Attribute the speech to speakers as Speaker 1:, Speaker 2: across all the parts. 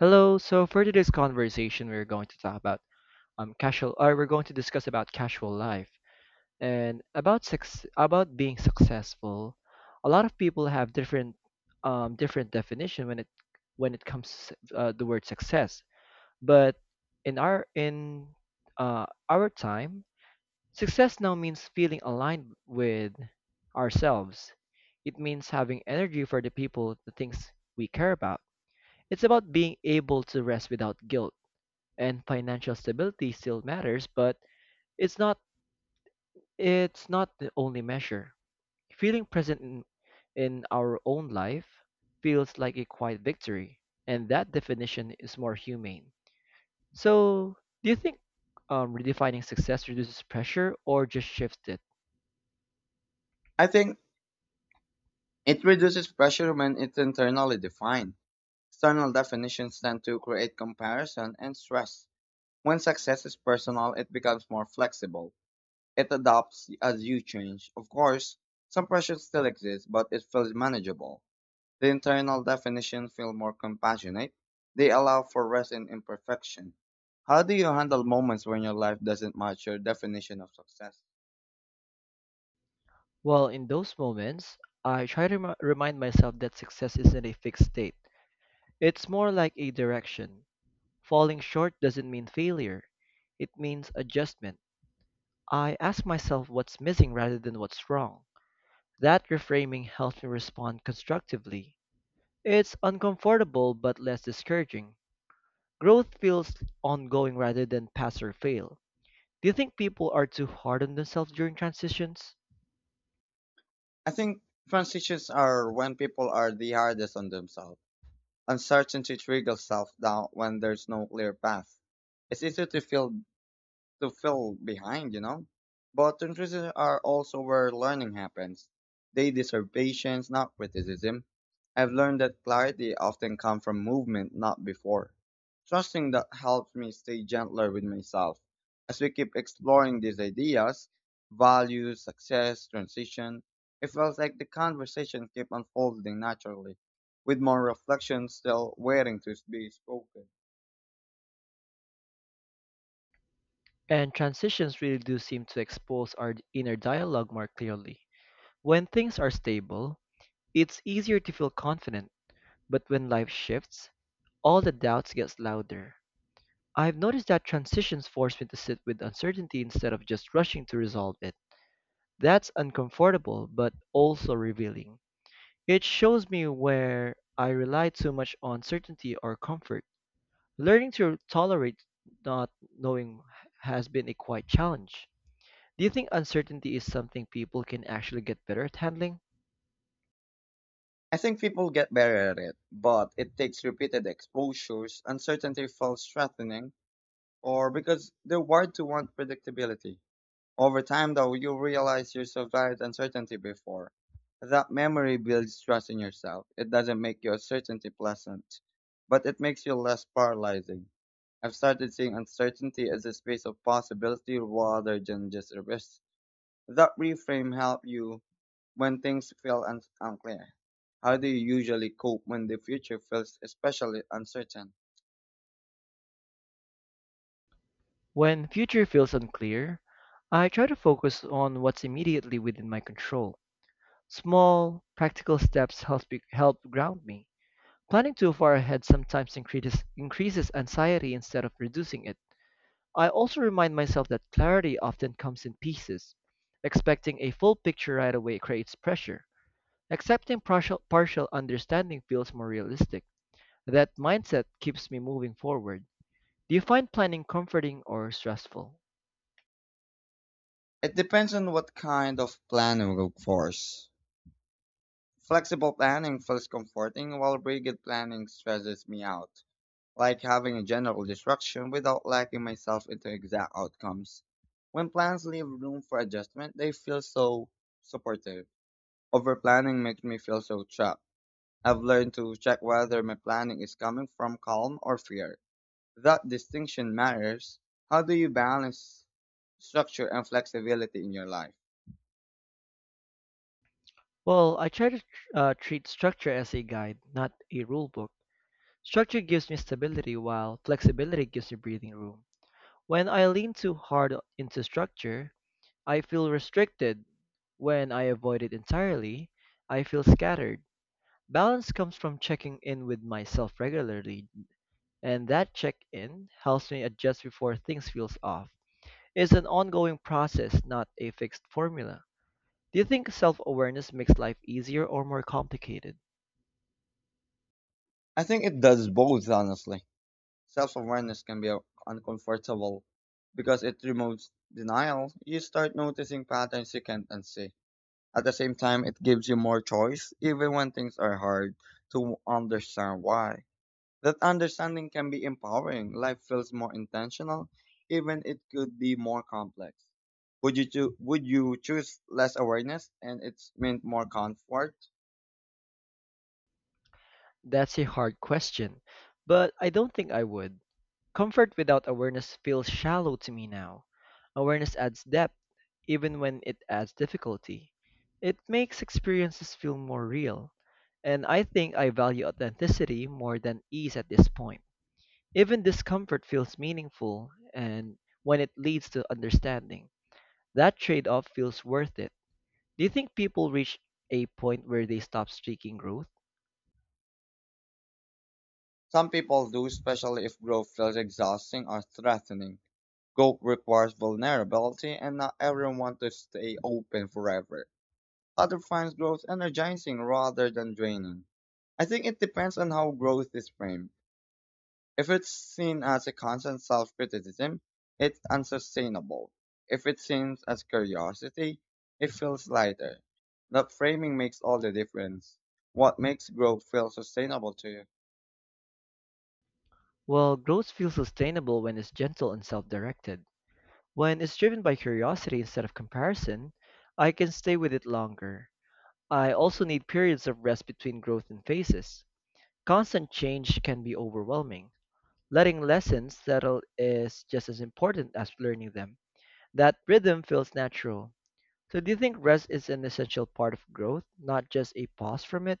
Speaker 1: Hello. So for today's conversation, we're going to talk about casual, or we're going to discuss about casual life and about sex, about being successful. A lot of people have different different definition when it comes to the word success. But in our time, success now means feeling aligned with ourselves. It means having energy for the people, the things we care about. It's about being able to rest without guilt, and financial stability still matters, but it's not it's not the only measure. Feeling present in our own life feels like a quiet victory, and that definition is more humane. So, do you think redefining success reduces pressure or just shifts it?
Speaker 2: I think it reduces pressure when it's internally defined. External definitions tend to create comparison and stress. When success is personal, it becomes more flexible. It adapts as you change. Of course, some pressure still exists, but it feels manageable. The internal definitions feel more compassionate. They allow for rest and imperfection. How do you handle moments when your life doesn't match your definition of success?
Speaker 1: Well, in those moments, I try to remind myself that success isn't a fixed state. It's more like a direction. Falling short doesn't mean failure, it means adjustment. I ask myself what's missing rather than what's wrong. That reframing helps me respond constructively. It's uncomfortable but less discouraging. Growth feels ongoing rather than pass or fail. Do you think people are too hard on themselves during transitions?
Speaker 2: I think transitions are when people are the hardest on themselves. Uncertainty trickles self-doubt when there's no clear path. It's easy to feel behind, you know. But intrusives are also where learning happens. They deserve patience, not criticism. I've learned that clarity often comes from movement, not before. Trusting that helps me stay gentler with myself. As we keep exploring these ideas, values, success, transition, it feels like the conversation keeps unfolding naturally, with more reflection still waiting to be spoken.
Speaker 1: And transitions really do seem to expose our inner dialogue more clearly. When things are stable, it's easier to feel confident, but when life shifts, all the doubts gets louder. I've noticed that transitions force me to sit with uncertainty instead of just rushing to resolve it. That's uncomfortable, but also revealing. It shows me where I rely too much on certainty or comfort. Learning to tolerate not knowing has been a quite challenge. Do you think uncertainty is something people can actually get better at handling?
Speaker 2: I think people get better at it, but it takes repeated exposures, uncertainty feels threatening, or because they're wired to want predictability. Over time, though, you realize you survived uncertainty before. That memory builds trust in yourself. It doesn't make your certainty pleasant, but it makes you less paralyzing. I've started seeing uncertainty as a space of possibility rather than just a risk. That reframe helped you when things feel unclear, how do you usually cope when the future feels especially uncertain?
Speaker 1: When future feels unclear, I try to focus on what's immediately within my control. Small, practical steps help ground me. Planning too far ahead sometimes increases anxiety instead of reducing it. I also remind myself that clarity often comes in pieces. Expecting a full picture right away creates pressure. Accepting partial understanding feels more realistic. That mindset keeps me moving forward. Do you find planning comforting or stressful?
Speaker 2: It depends on what kind of planning, of for. Flexible planning feels comforting, while rigid planning stresses me out, like having a general direction without locking myself into exact outcomes. When plans leave room for adjustment, they feel so supportive. Overplanning makes me feel so trapped. I've learned to check whether my planning is coming from calm or fear. That distinction matters. How do you balance structure and flexibility in your life?
Speaker 1: Well, I try to treat structure as a guide, not a rule book. Structure gives me stability while flexibility gives me breathing room. When I lean too hard into structure, I feel restricted. When I avoid it entirely, I feel scattered. Balance comes from checking in with myself regularly, and that check in helps me adjust before things feels off. It's an ongoing process, not a fixed formula. Do you think self-awareness makes life easier or more complicated?
Speaker 2: I think it does both, honestly. Self awareness can be uncomfortable because it removes denial. You start noticing patterns you can't unsee. At the same time, it gives you more choice, even when things are hard to understand why. That understanding can be empowering. Life feels more intentional, even it could be more complex. Would you choose less awareness and it's meant more comfort?
Speaker 1: That's a hard question, but I don't think I would. Comfort without awareness feels shallow to me now. Awareness adds depth, even when it adds difficulty. It makes experiences feel more real, and I think I value authenticity more than ease at this point. Even discomfort feels meaningful, and when it leads to understanding, that trade off feels worth it. Do you think people reach a point where they stop seeking growth?
Speaker 2: Some people do, especially if growth feels exhausting or threatening. Growth requires vulnerability, and not everyone wants to stay open forever. Other finds growth energizing rather than draining. I think it depends on how growth is framed. If it's seen as a constant self-criticism, it's unsustainable. If it seems as curiosity, it feels lighter. The framing makes all the difference. What makes growth feel sustainable to you?
Speaker 1: Well, growth feels sustainable when it's gentle and self directed. When it's driven by curiosity instead of comparison, I can stay with it longer. I also need periods of rest between growth and phases. Constant change can be overwhelming. Letting lessons settle is just as important as learning them. That rhythm feels natural. So, do you think rest is an essential part of growth, not just a pause from it?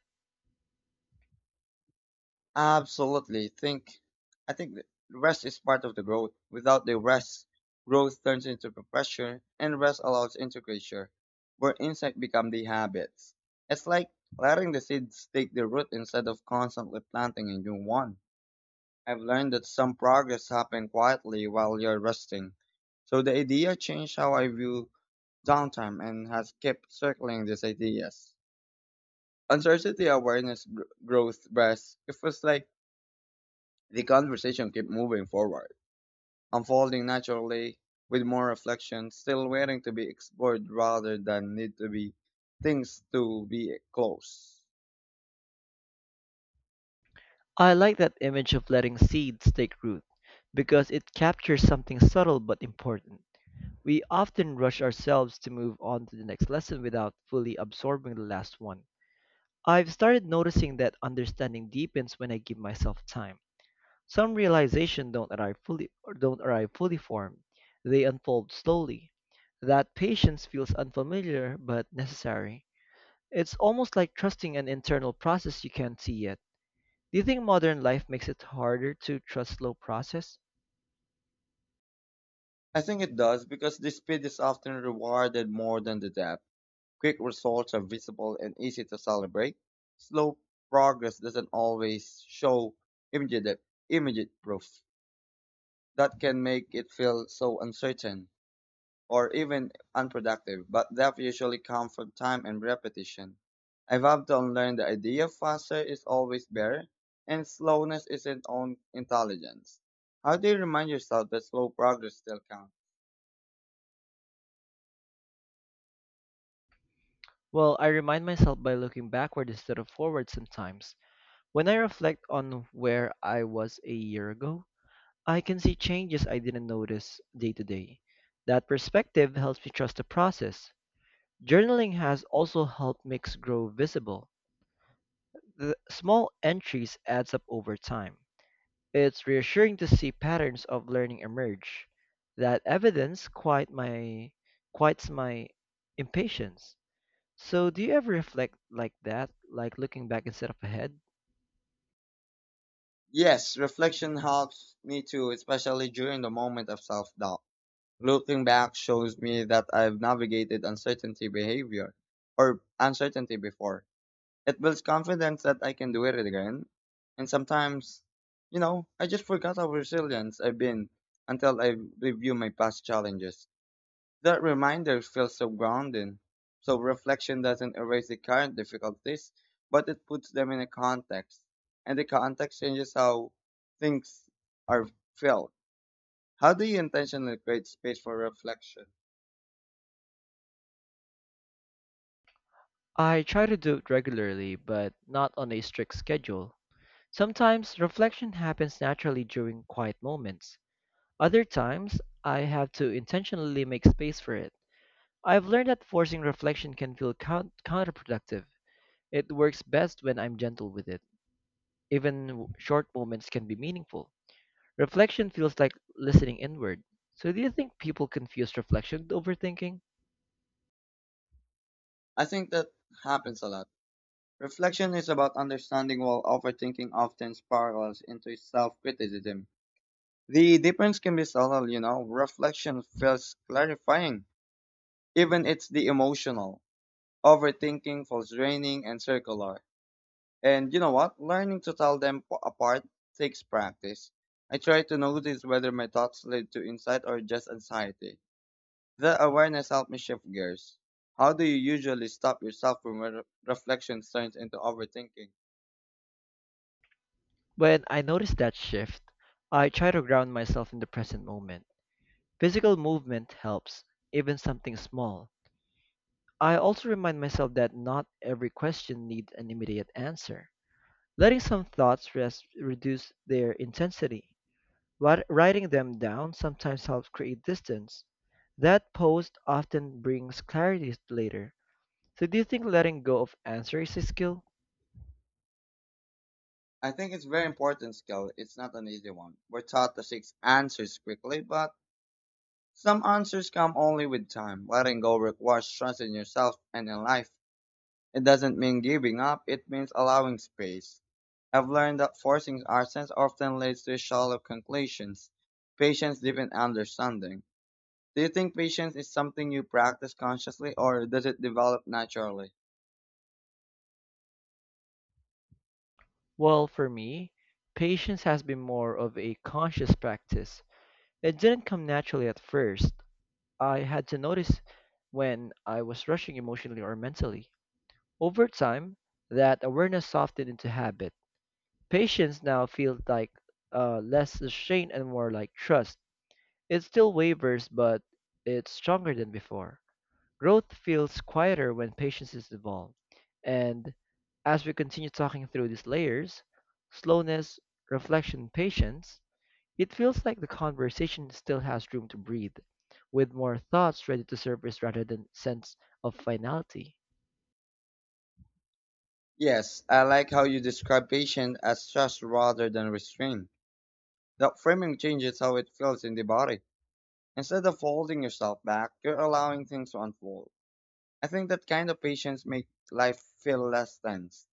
Speaker 2: Absolutely. Think I think the rest is part of the growth. Without the rest, growth turns into pressure and rest allows into creature, where insects become the habits. It's like letting the seeds take the root instead of constantly planting a new one. I've learned that some progress happens quietly while you're resting. So the idea changed how I view downtime and has kept circling these ideas. Uncertainty awareness growth breast. It was like the conversation kept moving forward, unfolding naturally with more reflection, still waiting to be explored rather than need to be things to be close.
Speaker 1: I like that image of letting seeds take root because it captures something subtle but important. We often rush ourselves to move on to the next lesson without fully absorbing the last one. I've started noticing that understanding deepens when I give myself time. Some realizations don't arrive fully or don't arrive fully formed. They unfold slowly. That patience feels unfamiliar but necessary. It's almost like trusting an internal process you can't see yet. Do you think modern life makes it harder to trust slow process?
Speaker 2: I think it does because the speed is often rewarded more than the depth. Quick results are visible and easy to celebrate. Slow progress doesn't always show immediate, immediate proof. That can make it feel so uncertain or even unproductive, but that usually comes from time and repetition. I've had to unlearn the idea faster is always better and slowness isn't on intelligence. How do you remind yourself that slow progress still counts?
Speaker 1: Well, I remind myself by looking backward instead of forward sometimes. When I reflect on where I was a year ago, I can see changes I didn't notice day to day. That perspective helps me trust the process. Journaling has also helped makes grow visible. The small entries adds up over time. It's reassuring to see patterns of learning emerge. That evidence quiet my quiets my impatience. So do you ever reflect like that, like looking back instead of ahead?
Speaker 2: Yes, reflection helps me too, especially during the moment of self doubt. Looking back shows me that I've navigated uncertainty behavior or uncertainty before. It builds confidence that I can do it again. And sometimes, you know, I just forgot how resilient I've been until I review my past challenges. That reminder feels so grounding. So reflection doesn't erase the current difficulties, but it puts them in a context. And the context changes how things are felt. How do you intentionally create space for reflection?
Speaker 1: I try to do it regularly, but not on a strict schedule. Sometimes reflection happens naturally during quiet moments. Other times, I have to intentionally make space for it. I've learned that forcing reflection can feel counterproductive. It works best when I'm gentle with it. Even short moments can be meaningful. Reflection feels like listening inward. So, do you think people confuse reflection with overthinking?
Speaker 2: I think that happens a lot. Reflection is about understanding while overthinking often spirals into self criticism. The difference can be subtle, you know. Reflection feels clarifying, even it's the emotional. Overthinking feels draining and circular. And you know what? Learning to tell them apart takes practice. I try to notice whether my thoughts lead to insight or just anxiety. The awareness helped me shift gears. How do you usually stop yourself from reflection turns into overthinking?
Speaker 1: When I notice that shift, I try to ground myself in the present moment. Physical movement helps, even something small. I also remind myself that not every question needs an immediate answer. Letting some thoughts rest reduce their intensity. Writing them down sometimes helps create distance. That pause often brings clarity later. So, do you think letting go of answer is a skill?
Speaker 2: I think it's very important skill. It's not an easy one. We're taught to seek answers quickly, but some answers come only with time. Letting go requires trust in yourself and in life. It doesn't mean giving up. It means allowing space. I've learned that forcing ourselves often leads to shallow conclusions. Patience deepens understanding. Do you think patience is something you practice consciously or does it develop naturally?
Speaker 1: Well, for me, patience has been more of a conscious practice. It didn't come naturally at first. I had to notice when I was rushing emotionally or mentally. Over time, that awareness softened into habit. Patience now feels like less restraint and more like trust. It still wavers, but it's stronger than before. Growth feels quieter when patience is involved. And as we continue talking through these layers, slowness, reflection, patience, it feels like the conversation still has room to breathe, with more thoughts ready to surface rather than sense of finality.
Speaker 2: Yes, I like how you describe patience as trust rather than restraint. That framing changes how it feels in the body. Instead of holding yourself back, you're allowing things to unfold. I think that kind of patience makes life feel less tense.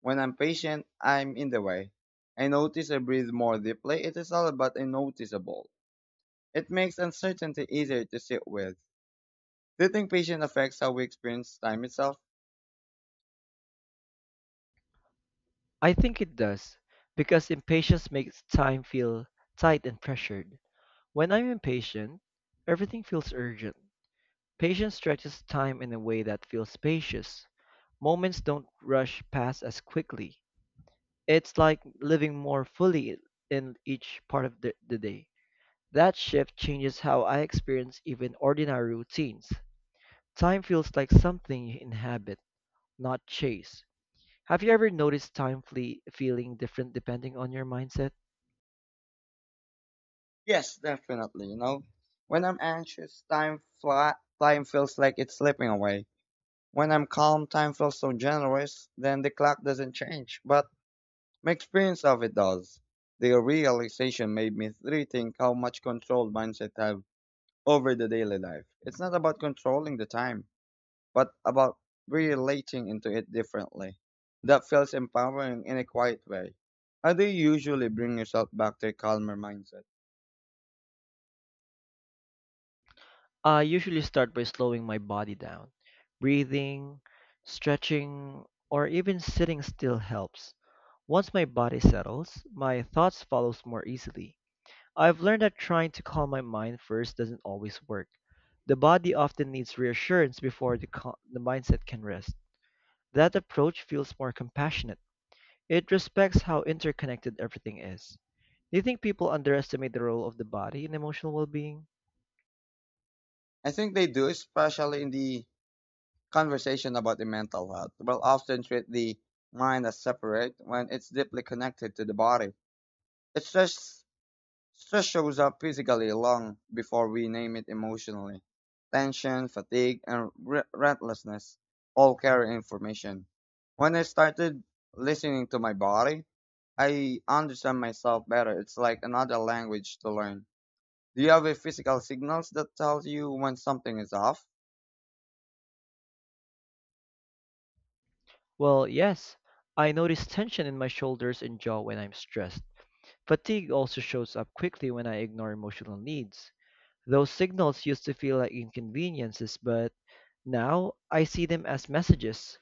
Speaker 2: When I'm patient, I'm in the way. I notice I breathe more deeply. It is all but noticeable. It makes uncertainty easier to sit with. Do you think patience affects how we experience time itself?
Speaker 1: I think it does, because impatience makes time feel tight and pressured. When I'm impatient, everything feels urgent. Patience stretches time in a way that feels spacious. Moments don't rush past as quickly. It's like living more fully in each part of the day. That shift changes how I experience even ordinary routines. Time feels like something you inhabit, not chase. Have you ever noticed time feeling different depending on your mindset?
Speaker 2: Yes, definitely. You know, when I'm anxious, time fly, time feels like it's slipping away. When I'm calm, time feels so generous. Then the clock doesn't change, but my experience of it does. The realization made me rethink how much control mindset have over the daily life. It's not about controlling the time, but about relating into it differently. That feels empowering in a quiet way. How do you usually bring yourself back to a calmer mindset?
Speaker 1: I usually start by slowing my body down. Breathing, stretching, or even sitting still helps. Once my body settles, my thoughts follows more easily. I've learned that trying to calm my mind first doesn't always work. The body often needs reassurance before the mindset can rest. That approach feels more compassionate. It respects how interconnected everything is. Do you think people underestimate the role of the body in emotional well being?
Speaker 2: I think they do, especially in the conversation about the mental health. We'll often treat the mind as separate when it's deeply connected to the body. It stress, Stress shows up physically long before we name it emotionally. Tension, fatigue, and restlessness all carry information. When I started listening to my body, I understand myself better. It's like another language to learn. Do you have a physical signals that tells you when something is off?
Speaker 1: Well, yes. I notice tension in my shoulders and jaw when I'm stressed. Fatigue also shows up quickly when I ignore emotional needs. Those signals used to feel like inconveniences, but now I see them as messages.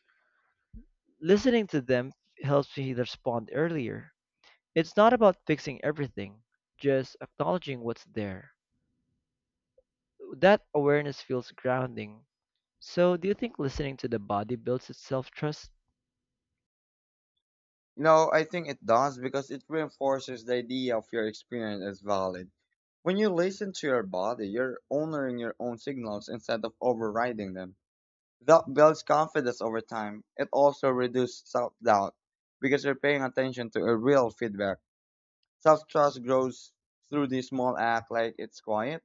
Speaker 1: Listening to them helps me respond earlier. It's not about fixing everything, just acknowledging what's there. That awareness feels grounding. So, do you think listening to the body builds its self trust?
Speaker 2: No, I think it does because it reinforces the idea of your experience as valid. When you listen to your body, you're honoring your own signals instead of overriding them. That builds confidence over time. It also reduces self doubt because you're paying attention to a real feedback. Self trust grows through the small act like it's quiet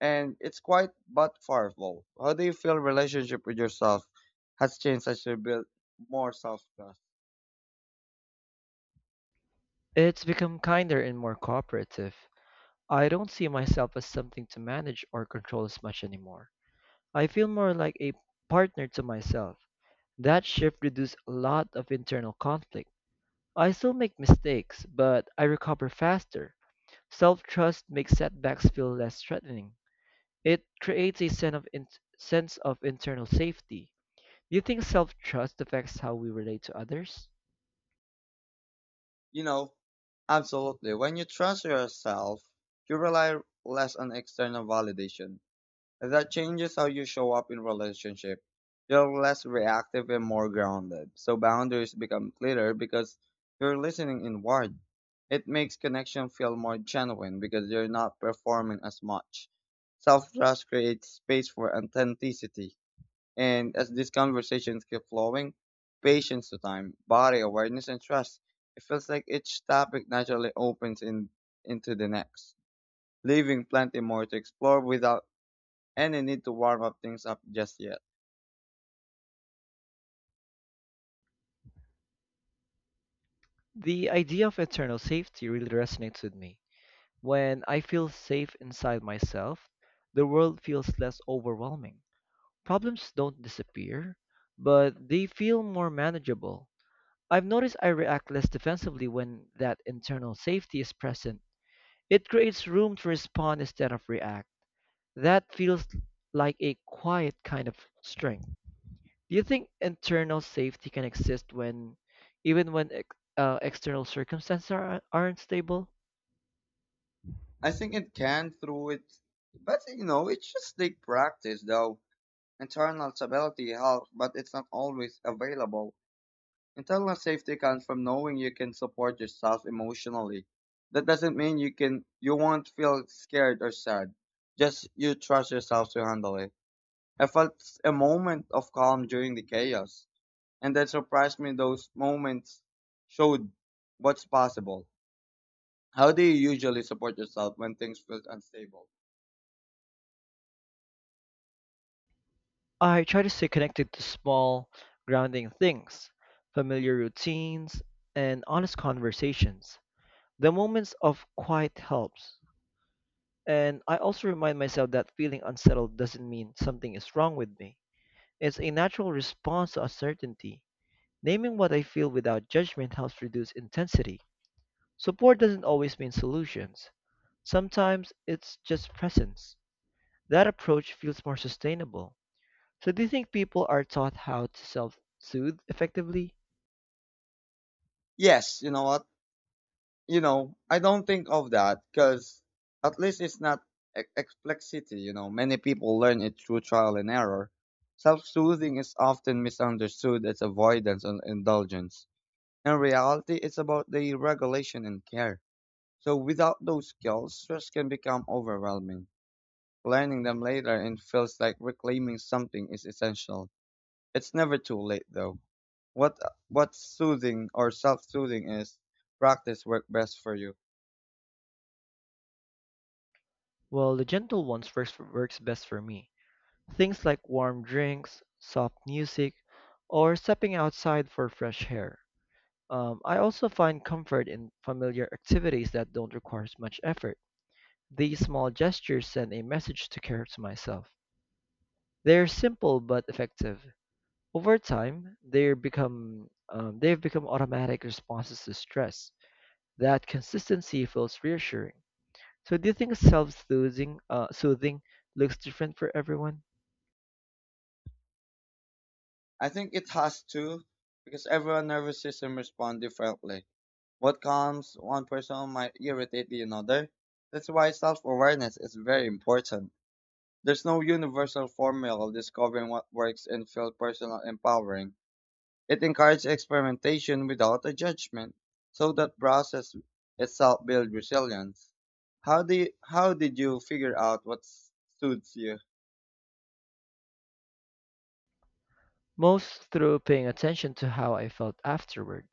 Speaker 2: and it's quiet but powerful. How do you feel relationship with yourself has changed as you build more self trust?
Speaker 1: It's become kinder and more cooperative. I don't see myself as something to manage or control as much anymore. I feel more like a partner to myself. That shift reduced a lot of internal conflict. I still make mistakes, but I recover faster. Self trust makes setbacks feel less threatening. It creates a sense of internal safety. Do you think self trust affects how we relate to others?
Speaker 2: You know, Absolutely. When you trust yourself, you rely less on external validation. And That changes how you show up in relationship. You're less reactive and more grounded. So boundaries become clearer because you're listening inward. It makes connection feel more genuine because you're not performing as much. Self-trust creates space for authenticity. And as these conversations keep flowing, patience to time, body awareness, and trust, it feels like each topic naturally into the next, leaving plenty more to explore without any need to warm up things up just yet.
Speaker 1: The idea of internal safety really resonates with me. When I feel safe inside myself, the world feels less overwhelming. Problems don't disappear, but they feel more manageable. I've noticed I react less defensively when that internal safety is present. It creates room to respond instead of react. That feels like a quiet kind of strength. Do you think internal safety can exist even when external circumstances aren't stable?
Speaker 2: I think it can through it, but you know, it just take practice though. Internal stability helps, but it's not always available. Internal safety comes from knowing you can support yourself emotionally. That doesn't mean you won't feel scared or sad. Just you trust yourself to handle it. I felt a moment of calm during the chaos, and that surprised me those moments showed what's possible. How do you usually support yourself when things feel unstable?
Speaker 1: I try to stay connected to small, grounding things, familiar routines, and honest conversations. The moments of quiet helps. And I also remind myself that feeling unsettled doesn't mean something is wrong with me. It's a natural response to uncertainty. Naming what I feel without judgment helps reduce intensity. Support doesn't always mean solutions. Sometimes it's just presence. That approach feels more sustainable. So, do you think people are taught how to self soothe effectively?
Speaker 2: Yes, you know what? I don't think of that because at least it's not explicitly, you know, many people learn it through trial and error. Self soothing is often misunderstood as avoidance and indulgence. In reality, it's about the regulation and care. So without those skills, stress can become overwhelming. Learning them later and feels like reclaiming something is essential. It's never too late though. What what soothing or self soothing is practice work best for you?
Speaker 1: Well, the gentle ones works best for me. Things like warm drinks, soft music, or stepping outside for fresh air. I also find comfort in familiar activities that don't require much effort. These small gestures send a message to care to myself. They're simple but effective. Over time, they become they've become automatic responses to stress. That consistency feels reassuring. So, do you think self-soothing soothing looks different for everyone?
Speaker 2: I think it has to, because everyone's nervous system responds differently. What calms one person might irritate the another. That's why self awareness is very important. There's no universal formula of discovering what works and feels personal empowering. It encourages experimentation without a judgment, so that process itself builds resilience. How did you figure out what suits you?
Speaker 1: Most through paying attention to how I felt afterward.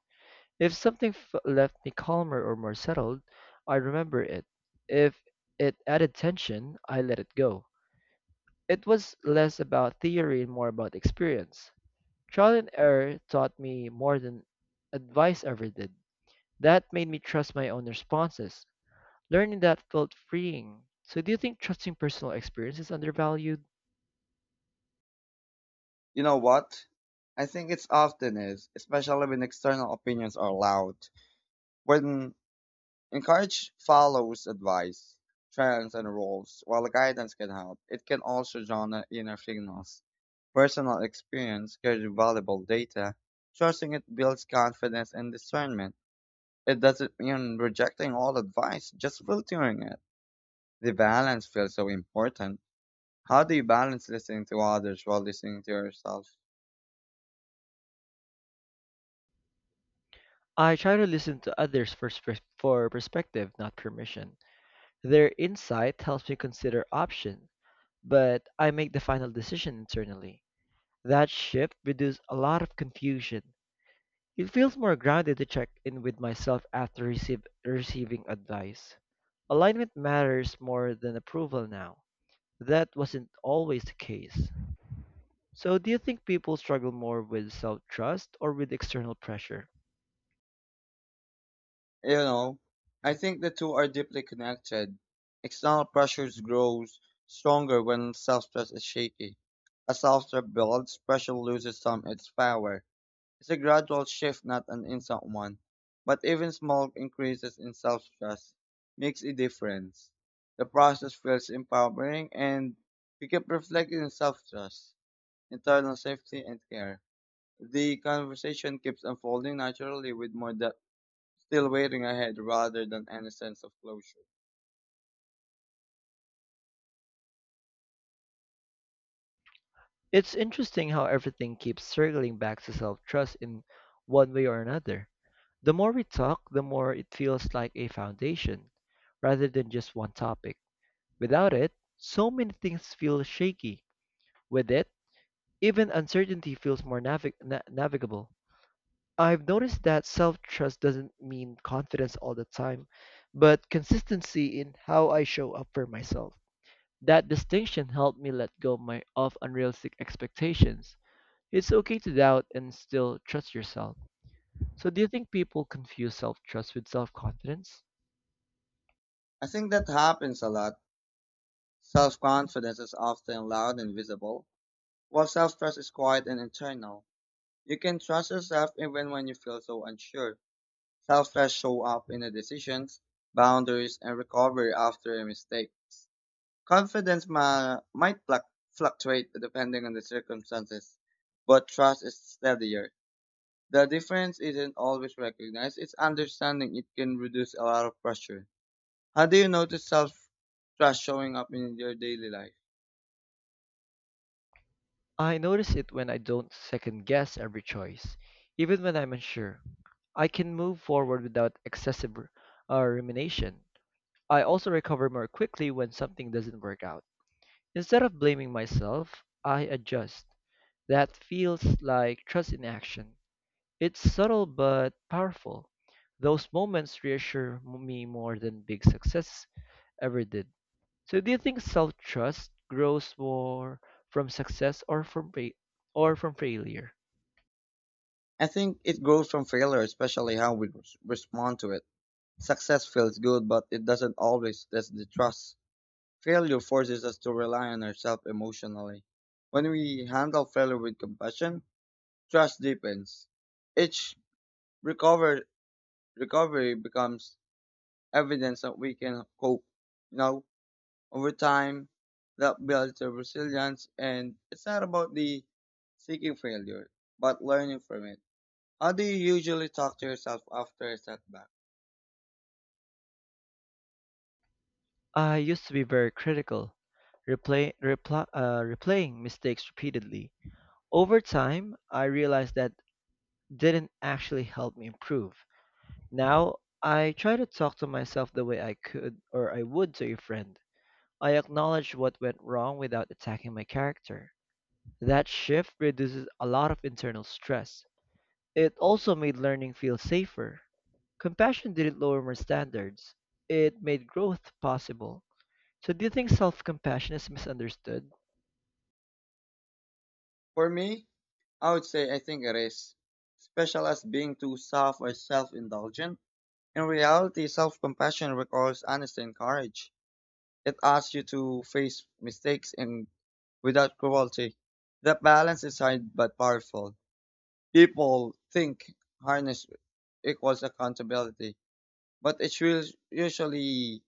Speaker 1: If something left me calmer or more settled, I remember it. If it added tension, I let it go. It was less about theory and more about experience. Trial and error taught me more than advice ever did. That made me trust my own responses. Learning that felt freeing. So, do you think trusting personal experience is undervalued?
Speaker 2: You know what? I think it's often is, especially when external opinions are loud. When encourage follows advice, trends, and rules, while guidance can help, it can also drown the inner signals. Personal experience carries valuable data. Trusting it builds confidence and discernment. It doesn't mean rejecting all advice, just filtering it. The balance feels so important. How do you balance listening to others while listening to yourself?
Speaker 1: I try to listen to others for perspective, not permission. Their insight helps me consider options, but I make the final decision internally. That shift reduces a lot of confusion. It feels more grounded to check in with myself after receiving advice. Alignment matters more than approval now. That wasn't always the case. So, do you think people struggle more with self trust or with external pressure?
Speaker 2: You know, I think the two are deeply connected. External pressures grows stronger when self-trust is shaky. As self-trust builds, pressure loses some of its power. It's a gradual shift, not an instant one. But even small increases in self-trust makes a difference. The process feels empowering and we keep reflecting on self-trust, internal safety, and care. The conversation keeps unfolding naturally with more depth still waiting ahead rather than any sense of closure.
Speaker 1: It's interesting how everything keeps circling back to self trust in one way or another. The more we talk, the more it feels like a foundation, rather than just one topic. Without it, so many things feel shaky. With it, even uncertainty feels more navigable. I've noticed that self trust doesn't mean confidence all the time, but consistency in how I show up for myself. That distinction helped me let go of unrealistic expectations. It's okay to doubt and still trust yourself. So, do you think people confuse self trust with self confidence?
Speaker 2: I think that happens a lot. Self confidence is often loud and visible, while self trust is quiet and internal. You can trust yourself even when you feel so unsure. Self trust show up in the decisions, boundaries, and recovery after a mistake. Confidence might fluctuate depending on the circumstances, but trust is steadier. The difference isn't always recognized, it's understanding it can reduce a lot of pressure. How do you notice self trust showing up in your daily life?
Speaker 1: I notice it when I don't second guess every choice, even when I'm unsure. I can move forward without excessive rumination. I also recover more quickly when something doesn't work out. Instead of blaming myself, I adjust. That feels like trust in action. It's subtle but powerful. Those moments reassure me more than big success ever did. So, do you think self-trust grows more from success or from failure?
Speaker 2: I think it grows from failure, especially how we respond to it. Success feels good, but it doesn't always test the trust. Failure forces us to rely on ourselves emotionally. When we handle failure with compassion, trust deepens. Each recover- recovery becomes evidence that we can cope. You know, over time, that builds your resilience, and it's not about the seeking failure, but learning from it. How do you usually talk to yourself after a setback?
Speaker 1: I used to be very critical, replaying mistakes repeatedly. Over time, I realized that didn't actually help me improve. Now, I try to talk to myself the way I could or I would to a friend. I acknowledge what went wrong without attacking my character. That shift reduces a lot of internal stress. It also made learning feel safer. Compassion didn't lower my standards, it made growth possible. So, do you think self compassion is misunderstood?
Speaker 2: For me, I would say I think it is, especially as being too soft or self-indulgent. In reality, self-compassion requires honesty and courage. It asks you to face mistakes and without cruelty. That balance is hard but powerful. People think harness equals accountability but it will usually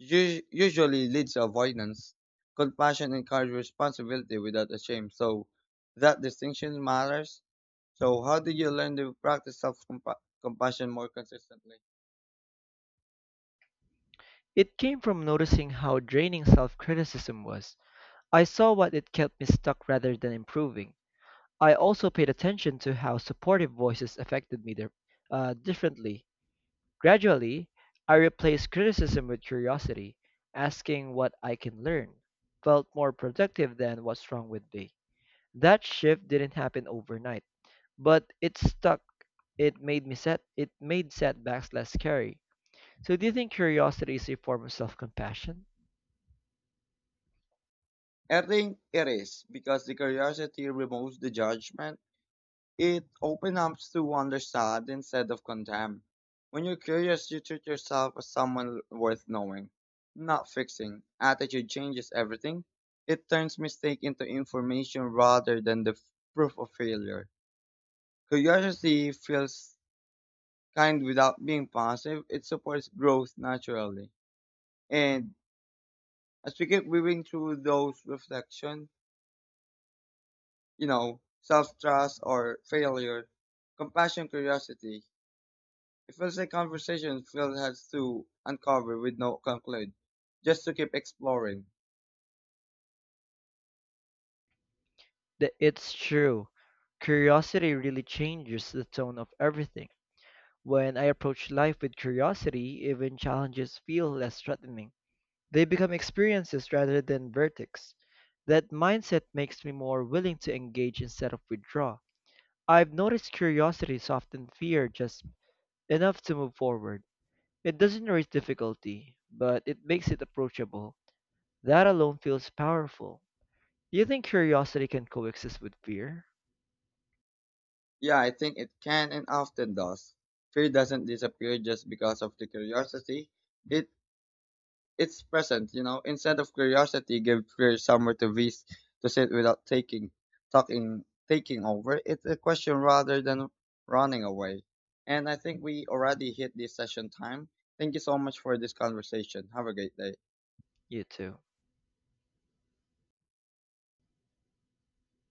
Speaker 2: usually leads to avoidance. Compassion encourages responsibility without a shame. So that distinction matters. So how do you learn to practice self compassion more consistently?
Speaker 1: It came from noticing how draining self-criticism was. I saw what it kept me stuck rather than improving. I also paid attention to how supportive voices affected me differently. Gradually, I replaced criticism with curiosity, asking what I can learn. Felt more productive than what's wrong with me. That shift didn't happen overnight, but it stuck. It made me set. It made setbacks less scary. So, do you think curiosity is a form of self-compassion?
Speaker 2: I think it is because the curiosity removes the judgment. It opens up to understand instead of condemn. When you're curious, you treat yourself as someone worth knowing, not fixing. Attitude changes everything. It turns mistake into information rather than proof of failure. Curiosity feels kind without being passive. It supports growth naturally. And as we keep moving through those reflection, you know, self-trust or failure, compassion, curiosity, it feels like conversations Phil has to uncover with no conclude, just to keep exploring.
Speaker 1: It's true. Curiosity really changes the tone of everything. When I approach life with curiosity, even challenges feel less threatening. They become experiences rather than verdicts. That mindset makes me more willing to engage instead of withdraw. I've noticed curiosity soften fear just enough to move forward. It doesn't erase difficulty, but it makes it approachable. That alone feels powerful. You think curiosity can coexist with fear?
Speaker 2: Yeah, I think it can and often does. Fear doesn't disappear just because of the curiosity. It it's present, you know. Instead of curiosity, give fear somewhere to sit without taking over. It's a question rather than running away. And I think we already hit this session time. Thank you so much for this conversation. Have a great day.
Speaker 1: You too.